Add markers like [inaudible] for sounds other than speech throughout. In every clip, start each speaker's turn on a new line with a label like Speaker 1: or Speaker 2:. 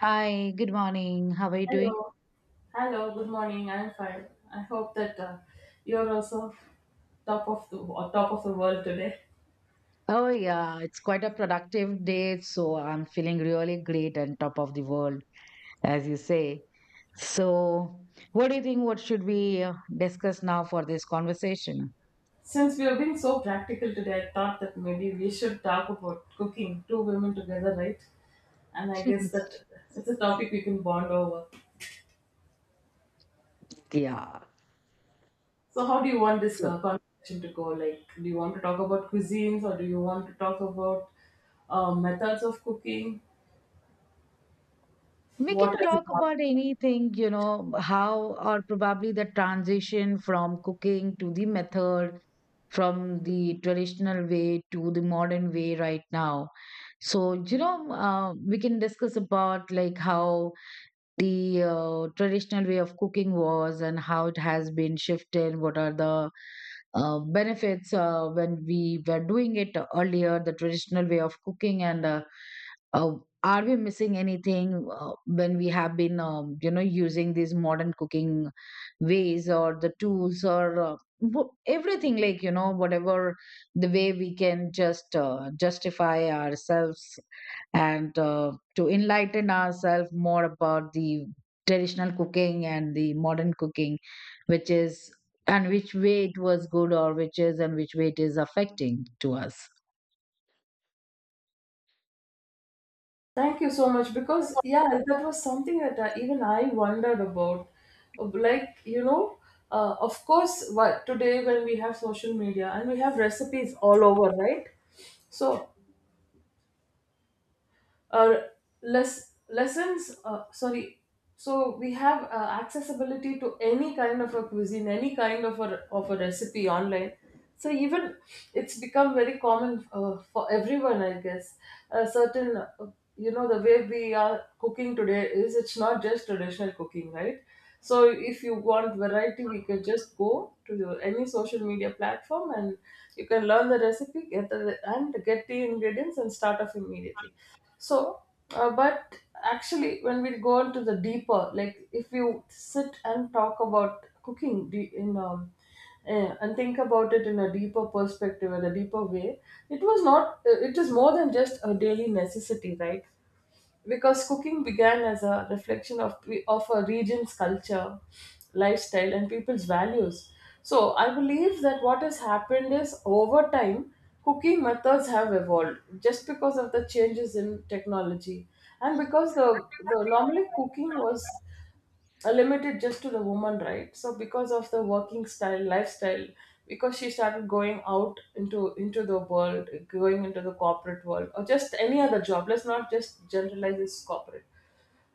Speaker 1: Hi, good morning. How are you doing?
Speaker 2: Hello. Hello. Good morning. I'm fine. I hope that you're also top of the or top of the world today.
Speaker 1: Oh, yeah, it's quite a productive day, so I'm feeling really great and top of the world, as you say. So, what do you think? What should we discuss now for this conversation?
Speaker 2: Since we are being so practical today, I thought that maybe we should talk about cooking two women together, right? And I guess
Speaker 1: [laughs]
Speaker 2: that it's a topic we can bond over.
Speaker 1: Yeah.
Speaker 2: So, how do you want this
Speaker 1: So,
Speaker 2: conversation to go? Like, do you want to talk about cuisines, or do you want to talk about methods of cooking?
Speaker 1: we
Speaker 2: What
Speaker 1: can
Speaker 2: is it?
Speaker 1: talk about anything you know how or probably the transition from cooking to the method from the traditional way to the modern way right now. So you know, we can discuss about like how the traditional way of cooking was and how it has been shifted, what are the benefits when we were doing it earlier, the traditional way of cooking, and uh, are we missing anything when we have been you know, using these modern cooking ways or the tools, or everything, like you know, whatever the way we can just justify ourselves and to enlighten ourselves more about the traditional cooking and the modern cooking, which is and which way it was good, or which way it is affecting to us.
Speaker 2: Thank you so much because yeah, that was something that even I wondered about. Like you know, of course, what today when we have social media and we have recipes all over, right? So uh, less lessons . Sorry, so we have accessibility to any kind of a cuisine, any kind of a recipe online, so even it's become very common, for everyone I guess. A certain, you know, the way we are cooking today is, it's not just traditional cooking, right? So if you want variety, we can just go to your, any social media platform, and you can learn the recipe, get the and get the ingredients and start off immediately. So, but actually, when we go into the deeper, like if you sit and talk about cooking in and think about it in a deeper perspective and a deeper way, it was not. It is more than just a daily necessity, right? Because cooking began as a reflection of of a region's culture, lifestyle, and people's values. So I believe that what has happened is, over time, cooking methods have evolved just because of the changes in technology, and because the normally cooking was limited just to the woman, right? So because of the working style, lifestyle, because she started going out into the world, going into the corporate world, or just any other job. Let's not just generalize this corporate,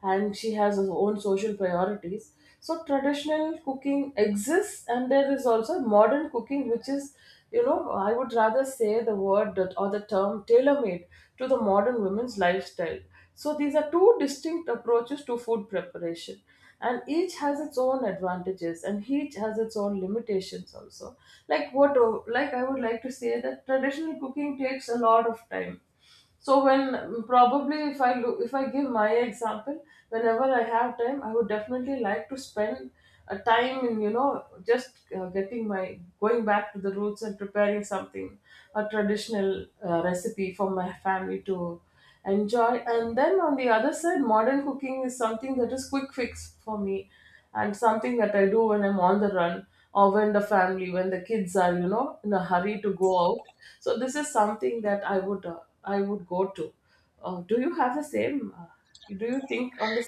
Speaker 2: and she has her own social priorities. So traditional cooking exists, and there is also modern cooking, which is, you know, I would rather say the word that, or the term tailor-made to the modern women's lifestyle. So these are two distinct approaches to food preparation, and each has its own advantages and each has its own limitations also. Like what, like I would like to say that traditional cooking takes a lot of time. So when, probably if I look, if I give my example, whenever I have time, I would definitely like to spend a time in, you know, just getting my going back to the roots and preparing something, a traditional recipe for my family to enjoy. And then on the other side, modern cooking is something that is quick fix for me, and something that I do when I'm on the run, or when the family when the kids are, you know, in a hurry to go out. So this is something that I would I would go to. Do you have the same do you think on the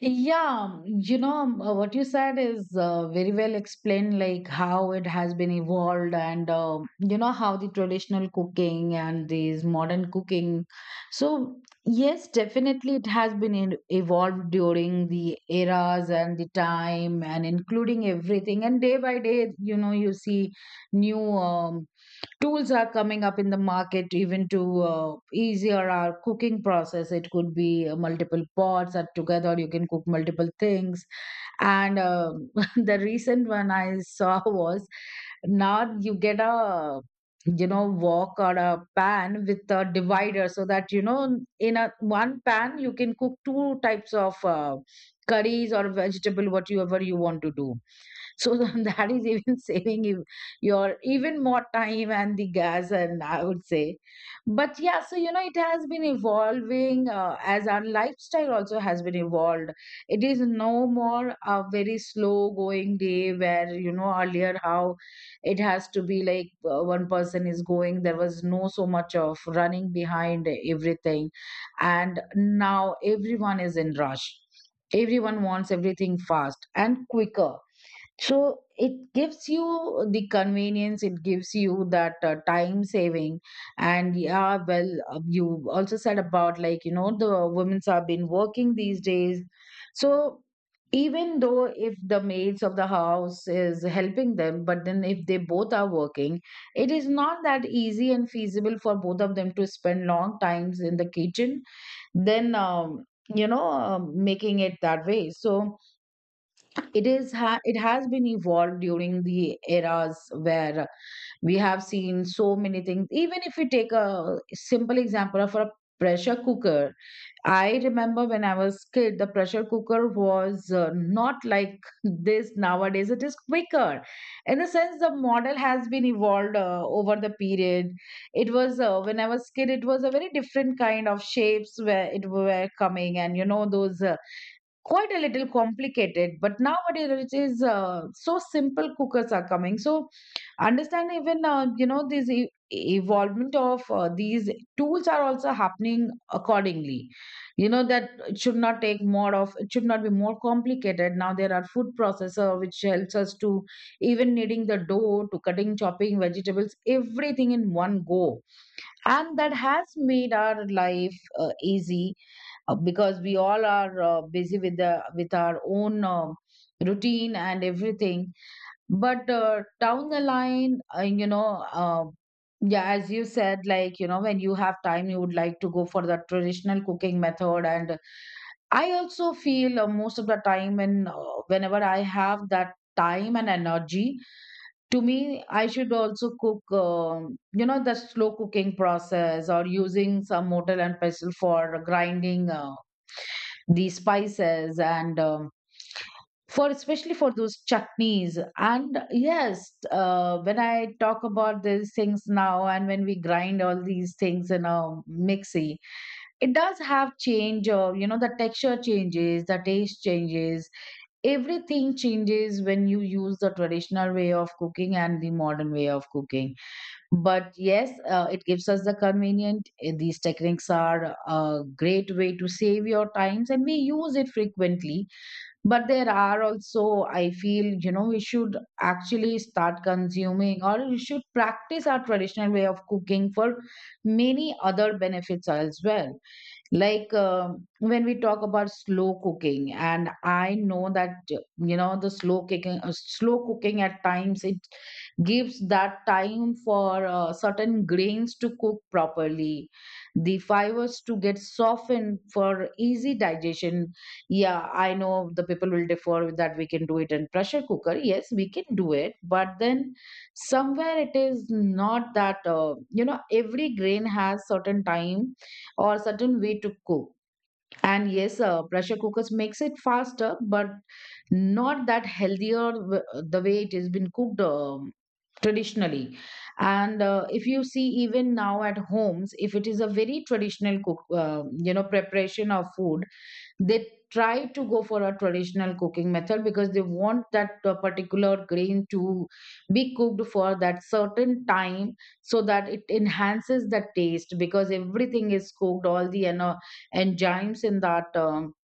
Speaker 1: Yeah, you know, what you said is very well explained, like how it has been evolved, and you know, how the traditional cooking and these modern cooking. So, yes, definitely it has been evolved during the eras and the time, and including everything. And day by day, you know, you see new tools are coming up in the market, even to easier our cooking process. It could be multiple pots are together, you can cook multiple things. And um, [laughs] the recent one I saw [laughs] was now you get a, you know, wok or a pan with a divider, so that you know, in a one pan you can cook two types of curries or vegetable, whatever you want to do. So [laughs] that is even saving you your even more time and the gas, and I would say. But yeah, so you know, it has been evolving as our lifestyle also has been evolved. It is no more a very slow going day where, you know, earlier how it has to be like, one person is going, there was no so much of running behind everything. And now everyone is in rush. Everyone wants everything fast and quicker, so it gives you the convenience, it gives you that time saving. And yeah, well, you also said about like, you know, the women's have been working these days. So even though if the maids of the house is helping them, but then if they both are working, it is not that easy and feasible for both of them to spend long times in the kitchen, then, um, you know, making it that way. So, it has been evolved during the eras where we have seen so many things. Even if we take a simple example of a pressure cooker, I remember when I was kid, the pressure cooker was not like this. Nowadays it is quicker, in a sense the model has been evolved over the period. It was when I was kid, it was a very different kind of shapes where it were coming, and you know those. Quite a little complicated, but nowadays it is so simple cookers are coming. So understand, even you know, this evolvement of these tools are also happening accordingly, you know, that it should not take more of, it should not be more complicated. Now there are food processor which helps us to even kneading the dough, to cutting, chopping vegetables, everything in one go. And that has made our life easy, because we all are busy with the with our own um, routine and everything. But down the line, you know, yeah, as you said, like you know, when you have time you would like to go for the traditional cooking method. And I also feel, most of the time when whenever I have that time and energy, to me, I should also cook, you know, the slow cooking process, or using some mortar and pestle for grinding the spices, and for especially for those chutneys. And yes, when I talk about these things now, and when we grind all these things in a mixie, it does have change of, you know, the texture changes, the taste changes, everything changes when you use the traditional way of cooking and the modern way of cooking. But yes, it gives us the convenient. Eh, these techniques are a great way to save your times, and we use it frequently. But there are also, I feel, you know, we should actually start consuming, or we should practice our traditional way of cooking for many other benefits as well. Like um, when we talk about slow cooking, and I know that you know the slow cooking, slow cooking at times it gives that time for certain grains to cook properly, the fibers to get softened for easy digestion. Yeah, I know the people will differ with that, we can do it in pressure cooker. Yes, we can do it, but then somewhere it is not that, you know, every grain has certain time or certain way to cook. And yes, pressure cookers makes it faster, but not that healthier. The way it has been cooked, traditionally. And if you see even now at homes, if it is a very traditional cook you know, preparation of food, they try to go for a traditional cooking method because they want that particular grain to be cooked for that certain time, so that it enhances the taste, because everything is cooked. All the enzymes in that um,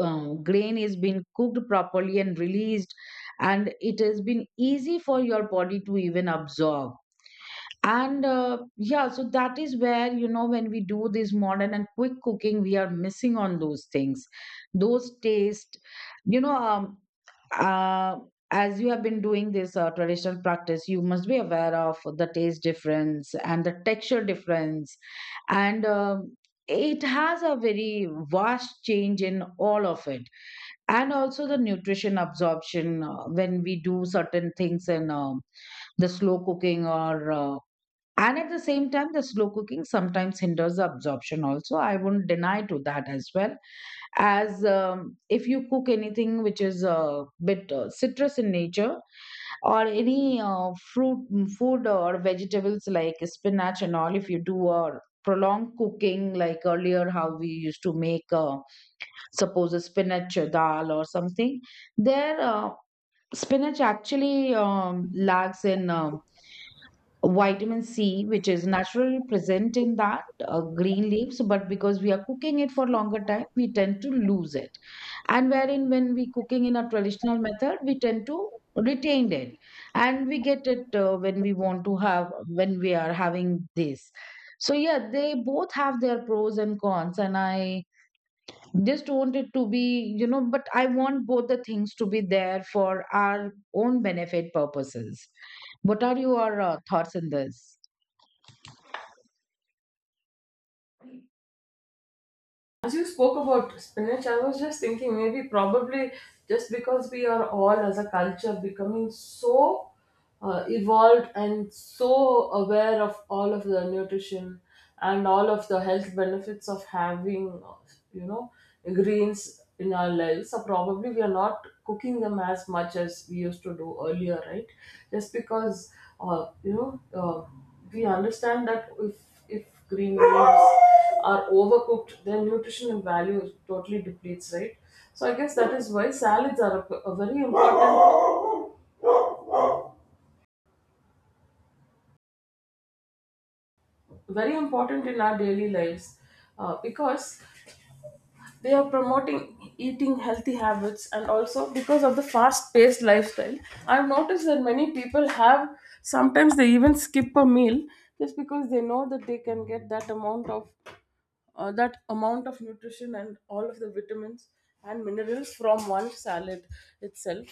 Speaker 1: um, grain is been cooked properly and released, and it has been easy for your body to even absorb. And yeah, so that is where, you know, when we do this modern and quick cooking, we are missing on those things, those taste, you know, uh, as you have been doing this traditional practice, you must be aware of the taste difference and the texture difference. And it has a very vast change in all of it, and also the nutrition absorption when we do certain things in, the slow cooking or and at the same time, the slow cooking sometimes hinders the absorption also. I wouldn't deny to that as well. As if you cook anything which is a bit citrus in nature, or any fruit, mm, food or vegetables like spinach and all, if you do a prolonged cooking like earlier how we used to make suppose a spinach dal or something, there spinach actually lacks in vitamin C, which is naturally present in that green leaves, but because we are cooking it for longer time, we tend to lose it. And wherein when we cooking in a traditional method, we tend to retain it, and we get it when we want to have, when we are having this. So yeah, they both have their pros and cons, and I just want it to be, you know, but I want both the things to be there for our own benefit purposes. What are your thoughts on this?
Speaker 2: As you spoke about spinach, I was just thinking maybe probably just because we are all as a culture becoming so evolved and so aware of all of the nutrition and all of the health benefits of having, you know, greens in our lives. So probably we are not cooking them as much as we used to do earlier, right? Just because, uh, you know, uh, we understand that if if green leaves are overcooked, their nutritional value totally depletes, right? So I guess that is why salads are a very important in our daily lives, because they are promoting eating healthy habits and also because of the fast-paced lifestyle. I've noticed that many people have sometimes they even skip a meal just because they know that they can get that amount of nutrition and all of the vitamins and minerals from one salad itself.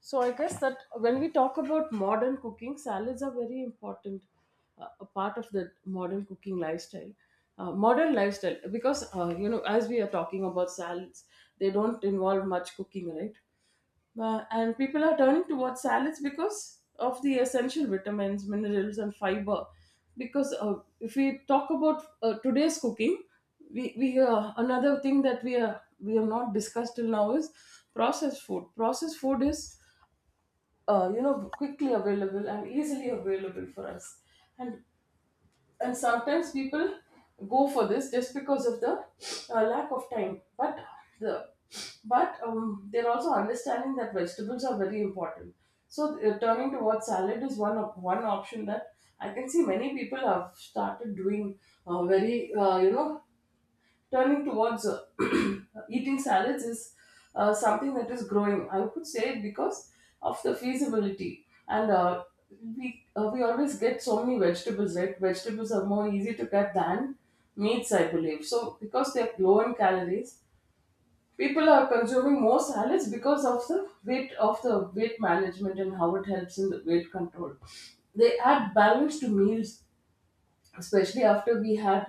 Speaker 2: So I guess that when we talk about modern cooking, salads are very important, a part of the modern cooking lifestyle. Modern lifestyle, because you know, as we are talking about salads, they don't involve much cooking, right? And people are turning towards salads because of the essential vitamins, minerals, and fiber. Because if we talk about today's cooking, we another thing that we have not discussed till now is processed food. Processed food is, you know, quickly available and easily available for us, and and sometimes people go for this just because of the lack of time. But the but they're also understanding that vegetables are very important. So turning towards salad is one one option that I can see many people have started doing. Very you know turning towards [clears throat] eating salads is something that is growing, I would say, because of the feasibility. And we always get so many vegetables. Right, vegetables are more easy to get than meats, I believe. So because they're low in calories, people are consuming more salads because of the weight management and how it helps in the weight control. They add balance to meals, especially after we had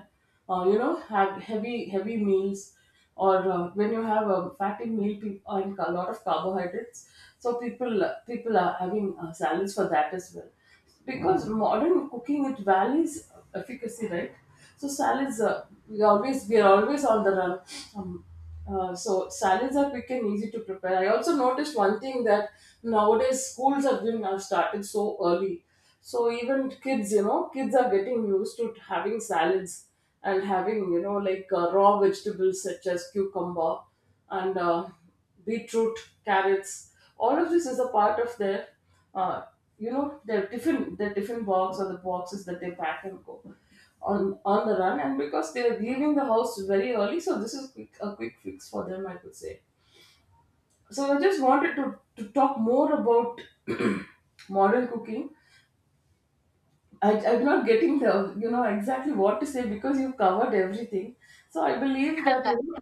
Speaker 2: you know, have heavy meals, or when you have a fatty meal, and a lot of carbohydrates. So people are having salads for that as well, because modern cooking, it values efficacy, right? So salads, we always we are always on the run. Um, so salads are quick and easy to prepare. I also noticed one thing, that nowadays schools have been started so early. So even kids, you know, kids are getting used to having salads, and having, you know, like raw vegetables such as cucumber and beetroot, carrots. All of this is a part of their, uh, you know, their tiffin box, or the boxes that they pack and go on the run. And because they are leaving the house very early, so this is quick, a quick fix for them, I could say. So I just wanted to talk more about [clears throat] modern cooking. I'm not getting the, you know, exactly what to say, because you covered everything. So I believe that,
Speaker 1: Uh,
Speaker 2: you know,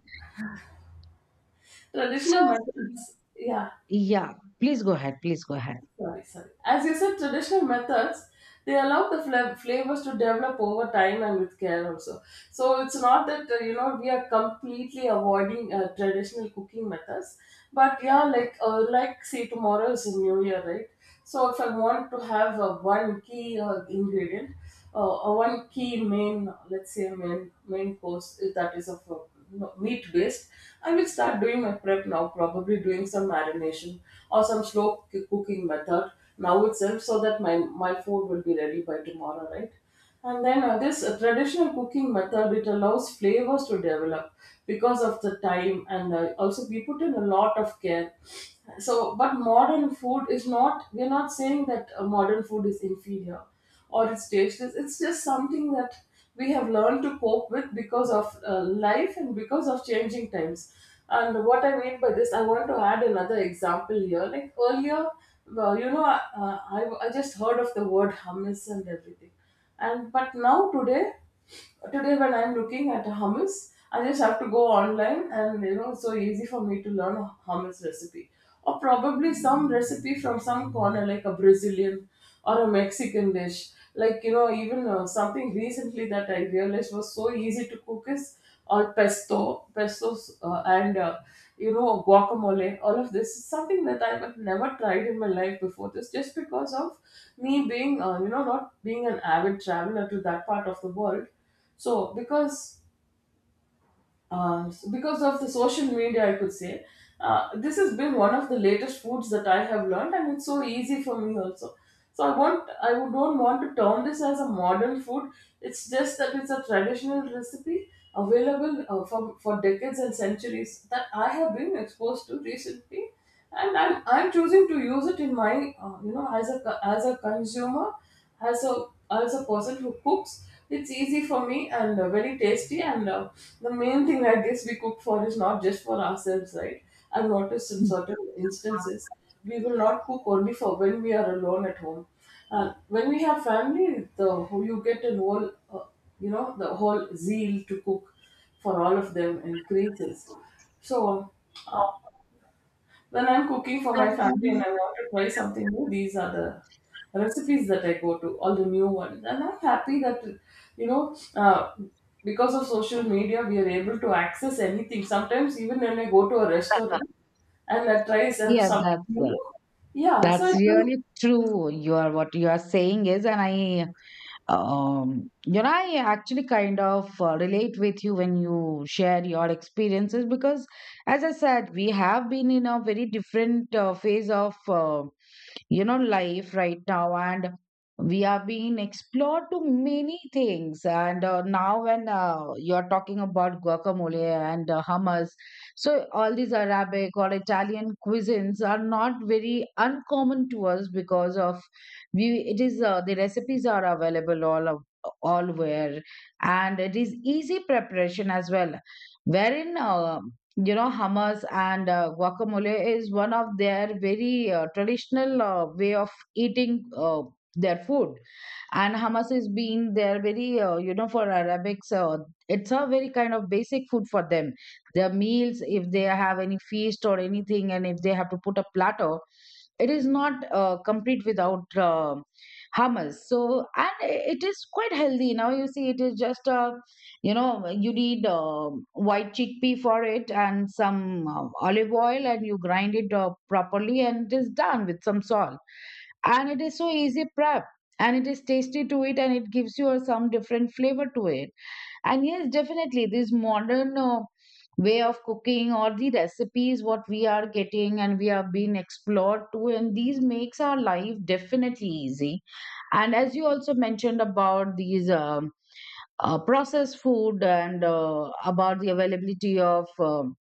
Speaker 2: traditional
Speaker 1: So,
Speaker 2: methods. Yeah,
Speaker 1: Yeah, please go ahead. Please go ahead.
Speaker 2: sorry, sorry. As you said, traditional methods, they allow the flavors to develop over time and with care also. So it's not that, you know, we are completely avoiding traditional cooking methods, but yeah, like say tomorrow is New Year, right? So if I want to have one key ingredient, or one key main, let's say main course that is of you meat based, I will start doing my prep now. Probably doing some marination or some slow cooking method now itself, so that my food will be ready by tomorrow, right? And then this traditional cooking method, it allows flavors to develop because of the time, and also we put in a lot of care. So, but modern food is not. We're not saying that modern food is inferior or it's tasteless. It's just something that we have learned to cope with because of life and because of changing times. And what I mean by this, I want to add another example here. Like earlier, well, you know, I just heard of the word hummus and everything. And but now today, today when I'm looking at hummus, I just have to go online, and you know it's so easy for me to learn a hummus recipe. Or probably some recipe from some corner, like a Brazilian or a Mexican dish. Like you know, even something recently that I realized was so easy to cook is or pesto, pestos, and you know, guacamole. All of this is something that I have never tried in my life before this, just because of me being, you know, not being an avid traveler to that part of the world. So because because of the social media, I could say. This has been one of the latest foods that I have learned, and it's so easy for me also. So I would don't want to term this as a modern food. It's just that it's a traditional recipe available for decades and centuries that I have been exposed to recently, and I'm choosing to use it in my you know, as a as a consumer, as a as a person who cooks. It's easy for me and very tasty and. The main thing I guess we cook for is not just for ourselves, right? I've noticed in
Speaker 1: Mm.
Speaker 2: certain instances, we will not cook only for when we are alone at home. And when we have family, you get a whole, the whole zeal to cook for all of them increases. So when I'm cooking for my family and I want to try something new, these are the recipes that I go to, all the new ones. And I'm happy that, you know, uh, because of social media, we are able to access anything. Sometimes, even when I go to a restaurant and I try
Speaker 1: Yeah,
Speaker 2: something new, yeah,
Speaker 1: that's really true. You are, what you are saying is, and I, you know, I actually kind of relate with you when you share your experiences because, as I said, we have been in a very different phase of. You know, life right now, and we are being explored to many things. And now when you're talking about guacamole and hummus, so all these arabic or italian cuisines are not very uncommon to us because of we it is the recipes are available all where, and it is easy preparation as well, wherein you know, hummus and guacamole is one of their very traditional way of eating their food. And hummus is being their very you know, for arabics, it's a very kind of basic food for them, their meals. If they have any feast or anything, and if they have to put a platter, it is not complete without hummus. So and it is quite healthy. Now you see, it is just a, you know, you need white chickpea for it and some olive oil, and you grind it up properly, and it is done with some salt. And it is so easy prep, and it is tasty to it, and it gives you some different flavor to it. And yes, definitely this modern way of cooking or the recipes what we are getting and we have been explored to, and these makes our life definitely easy. And as you also mentioned about these processed food and about the availability of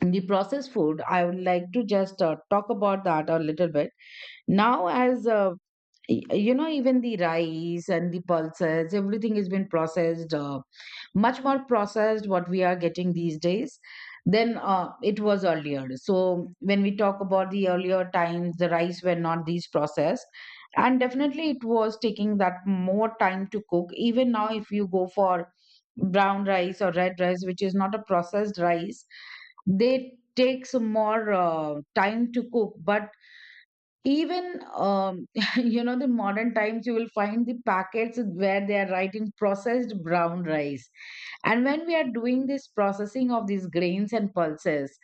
Speaker 1: the processed food, I would like to just talk about that a little bit. Now, as y- you know, even the rice and the pulses, everything has been processed, much more processed what we are getting these days than it was earlier. So when we talk about the earlier times, the rice were not these processed, and definitely it was taking that more time to cook. Even now, if you go for brown rice or red rice, which is not a processed rice, they takes more time to cook. But even, [laughs] you know, the modern times, you will find the packets where they are writing processed brown rice. And when we are doing this processing of these grains and pulses,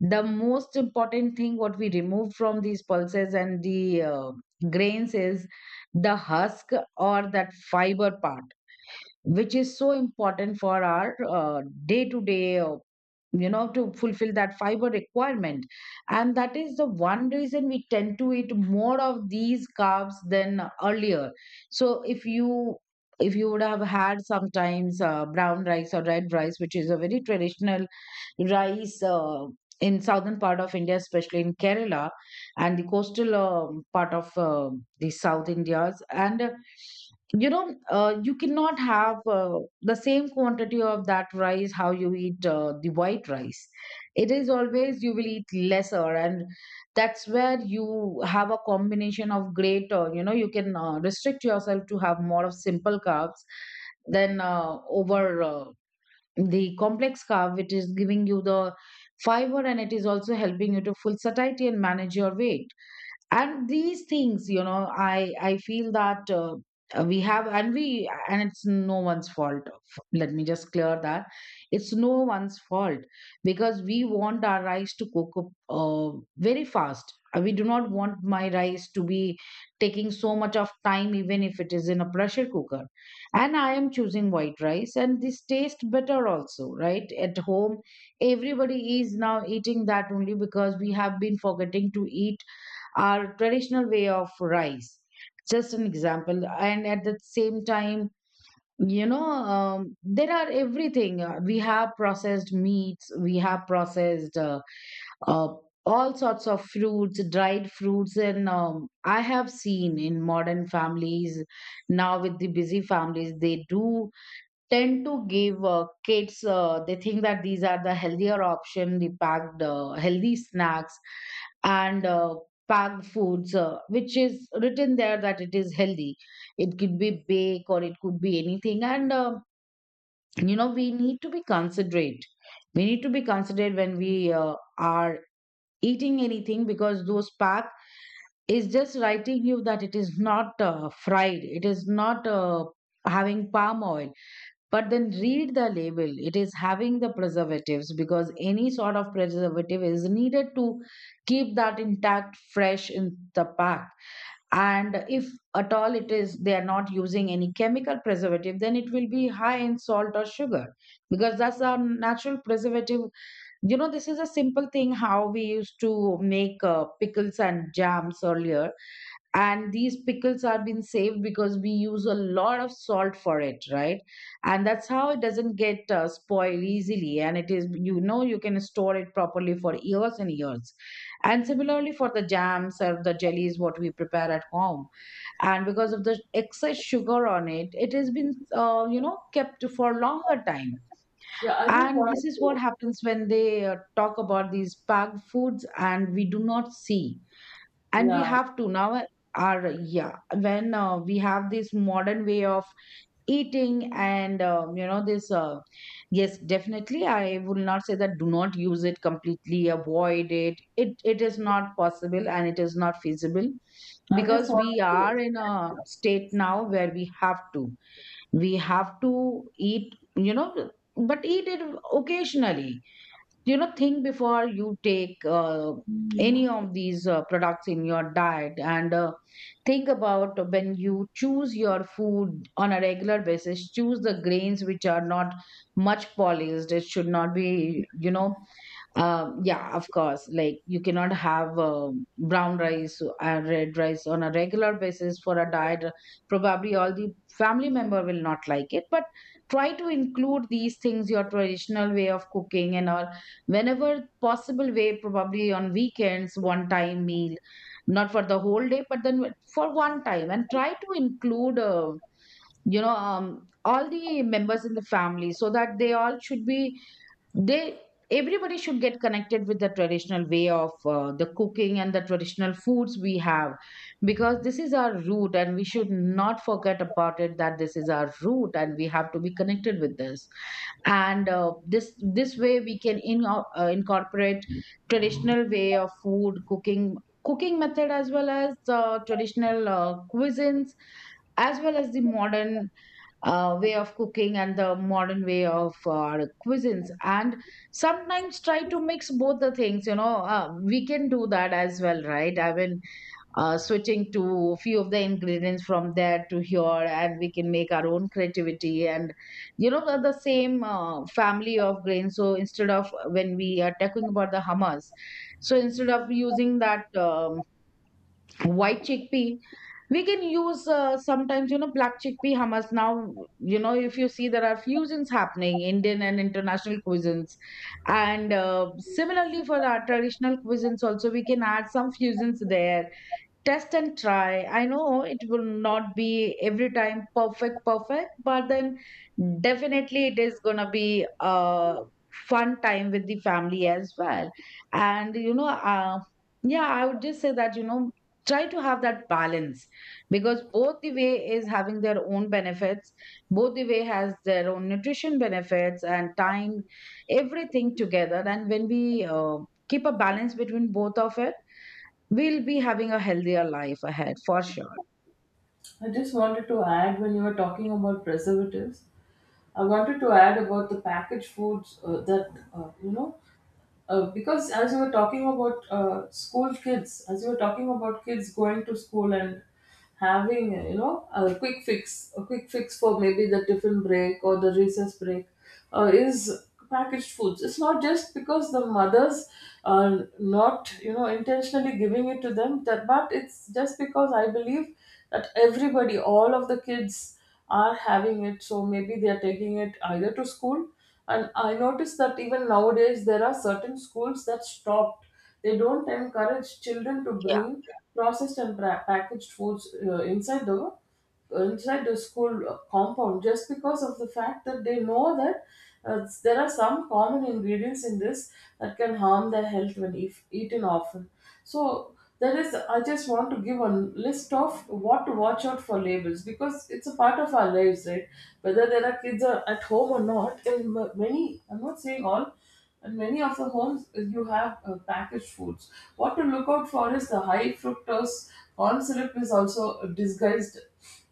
Speaker 1: the most important thing what we remove from these pulses and the grains is the husk or that fiber part, which is so important for our day to day, you know, to fulfill that fiber requirement. And that is the one reason we tend to eat more of these carbs than earlier. So if you, if you would have had sometimes brown rice or red rice, which is a very traditional rice in southern part of India, especially in Kerala and the coastal part of the South Indias. And you know, you cannot have the same quantity of that rice how you eat the white rice. It is always you will eat lesser, and that's where you have a combination of great. You know, you can restrict yourself to have more of simple carbs than over. The complex carb, which is giving you the fiber, and it is also helping you to full satiety and manage your weight. And these things, you know, I feel that we have, and we, and it's no one's fault. Let me just clear that, it's no one's fault. Because we want our rice to cook up uh, very fast. We do not want my rice to be taking so much of time, even if it is in a pressure cooker, and I am choosing white rice, and this tastes better also. Right? At home everybody is now eating that only, because we have been forgetting to eat our traditional way of rice. Just an example. And at the same time, you know, there are everything. We have processed meats, we have processed uh, all sorts of fruits, dried fruits. And I have seen in modern families, now with the busy families, they do tend to give kids, they think that these are the healthier option, the packed healthy snacks and packed foods which is written there that it is healthy. It could be bake or it could be anything. And you know, we need to be considerate, we need to be considerate when we are eating anything. Because those pack is just writing you that it is not fried, it is not having palm oil, but then read the label. It is having the preservatives, because any sort of preservative is needed to keep that intact, fresh in the pack. And if at all it is, they are not using any chemical preservative, then it will be high in salt or sugar, because that's our natural preservative. You know, this is a simple thing how we used to make pickles and jams earlier, and these pickles are being saved because we use a lot of salt for it, right? And that's how it doesn't get spoiled easily, and it is, you know, you can store it properly for years and years. And similarly for the jams or the jellies what we prepare at home, and because of the excess sugar on it, it has been you know, kept for longer time.
Speaker 2: yeah, I just
Speaker 1: And this
Speaker 2: wanted
Speaker 1: is what
Speaker 2: to,
Speaker 1: happens when they talk about these packed foods and we do not see, and we
Speaker 2: yeah,
Speaker 1: have to now are, yeah, when we have this modern way of eating and you know, this yes, definitely I will not say that do not use it, completely avoid it, it is not possible and it is not feasible.
Speaker 2: I just
Speaker 1: Because we
Speaker 2: wanted to
Speaker 1: are in a state now where we have to eat, you know, but eat it occasionally. You know, think before you take any
Speaker 2: Mm,
Speaker 1: of these products in your diet. And think about when you choose your food on a regular basis, choose the grains which are not much polished. It should not be, you know, yeah, of course. Like you cannot have brown rice or red rice on a regular basis for a diet. Probably all the family member will not like it, but try to include these things, your traditional way of cooking and all, whenever possible way, probably on weekends, one time meal, not for the whole day, but then for one time. And try to include, you know, all the members in the family, so that they all should be, they everybody should get connected with the traditional way of the cooking and the traditional foods we have. Because this is our root, and we should not forget about it, that this is our root and we have to be connected with this. And this way we can incorporate traditional way of food cooking, cooking method, as well as traditional cuisines, as well as the modern way of cooking and the modern way of cuisines. And sometimes try to mix both the things, you know, we can do that as well, right? I mean, switching to a few of the ingredients from there to here, and we can make our own creativity. And you know, the same family of grains. So instead of, when we are talking about the hummus, so instead of using that white chickpea, we can use sometimes, you know, black chickpea hummus. Now you know, if you see, there are fusions happening, indian and international cuisines. And similarly for our traditional cuisines also, we can add some fusions there. Test and try. I know it will not be every time perfect perfect, but then definitely it is gonna be a fun time with the family as well. And you know, yeah, I would just say that, you know, try to have that balance. Because both the way is having their own benefits, both the way has their own nutrition benefits and time, everything together. And when we keep a balance between both of it, we'll be having a healthier life ahead for sure.
Speaker 2: I just wanted to add when you were talking about preservatives, I wanted to add about the packaged foods that, because as you were talking about school kids, as you were talking about kids going to school and having, a quick fix for maybe the tiffin break or the recess break, is packaged foods. It's not just because the mothers are not, intentionally giving it to them, that, but it's just because I believe that everybody, all of the kids are having it. So maybe they are taking it either to school, and I noticed that even nowadays there are certain schools that stopped. They don't encourage children to
Speaker 1: Yeah.
Speaker 2: bring processed and packaged foods inside the school compound, just because of the fact that they know that there are some common ingredients in this that can harm their health when if eaten often. So there is I just want to give a list of what to watch out for labels, because it's a part of our lives, right? Whether there are kids are at home or not, and many, I'm not saying all, and many of the homes you have packaged foods. What to look out for is the high fructose corn syrup is also a disguised.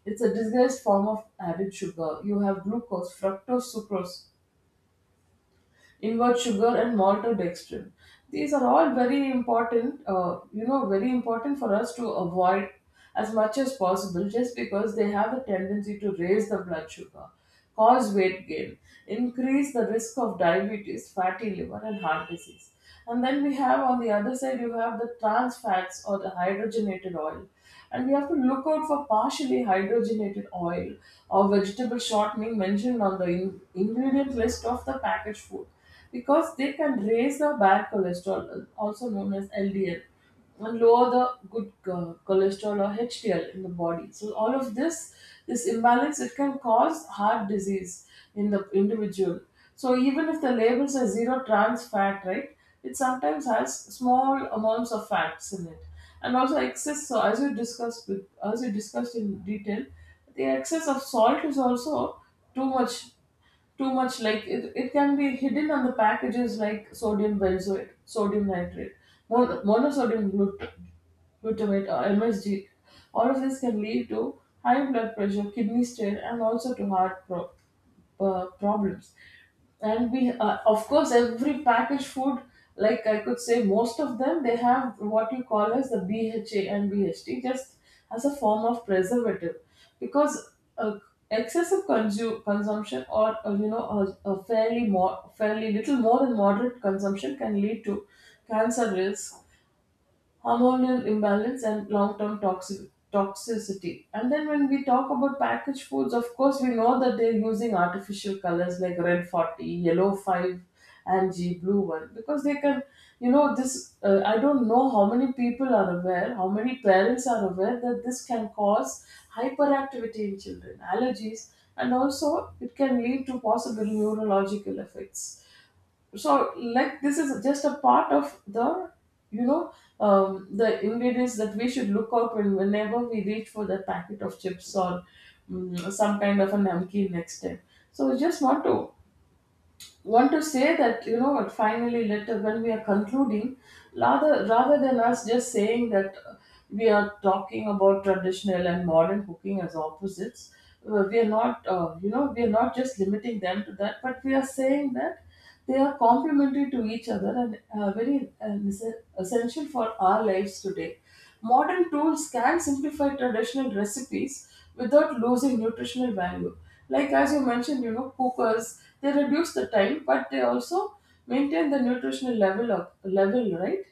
Speaker 2: It's a disguised form of added sugar. You have glucose, fructose, sucrose, inward sugar, and maltodextrin. These are all very important, very important for us to avoid as much as possible, just because they have a tendency to raise the blood sugar, cause weight gain, increase the risk of diabetes, fatty liver, and heart disease. And then we have on the other side, you have the trans fats or the hydrogenated oil. And we have to look out for partially hydrogenated oil or vegetable shortening mentioned on the ingredient list of the packaged food, because they can raise the bad cholesterol, also known as LDL, and lower the good cholesterol, or HDL, in the body. So all of this, this imbalance, it can cause heart disease in the individual. So even if the label says zero trans fat, right, it sometimes has small amounts of fats in it, and also excess, so as we discussed in detail, the excess of salt is also too much. Like it can be hidden on the packages, like sodium benzoate, sodium nitrate, monosodium glutamate, or MSG. All of this can lead to high blood pressure, kidney strain, and also to heart problems. And we, of course, every packaged food, like I could say most of them, they have what you call as the BHA and BHT, just as a form of preservative, because uh, excessive consumption, or you know, a fairly more fairly little more than moderate consumption, can lead to cancer risk, hormonal imbalance, and long-term toxic toxicity. And then when we talk about packaged foods, of course we know that they're using artificial colors like Red 40, Yellow 5, and g Blue 1, because they can, you know this I don't know how many people are aware, how many parents are aware, that this can cause hyperactivity in children, allergies, and also it can lead to possible neurological effects. So like this is just a part of the, you know the ingredients that we should look out when whenever we reach for the packet of chips or some kind of a namkeen next time. So we just want to say that, you know what, finally later when we are concluding, rather than us just saying that, we are talking about traditional and modern cooking as opposites, we are not, we are not just limiting them to that, but we are saying that they are complementary to each other and very essential for our lives today. Modern tools can simplify traditional recipes without losing nutritional value. Like as you mentioned, cookers, they reduce the time, but they also maintain the nutritional level of level, right?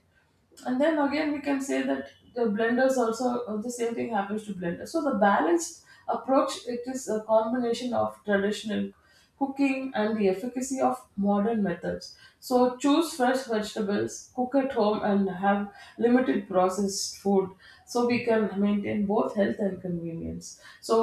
Speaker 2: And then again, we can say that the blenders also, the same thing happens to blenders. So the balanced approach, it is a combination of traditional cooking and the efficacy of modern methods. So choose fresh vegetables, cook at home, and have limited processed food, so we can maintain both health and convenience. So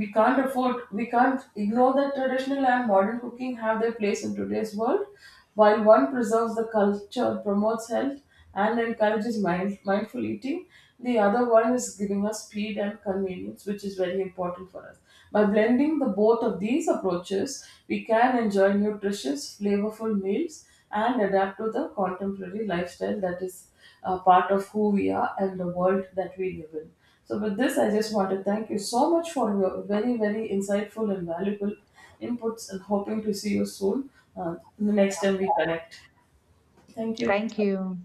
Speaker 2: we can't ignore that traditional and modern cooking have their place in today's world, while one preserves the culture, promotes health, and encourages mindful eating. The other one is giving us speed and convenience, which is very important for us. By blending the both of these approaches, we can enjoy nutritious, flavorful meals and adapt to the contemporary lifestyle that is a part of who we are and the world that we live in. So, with this, I just want to thank you so much for your very, very insightful and valuable inputs, and hoping to see you soon the next time we connect. Thank you.
Speaker 1: Thank you.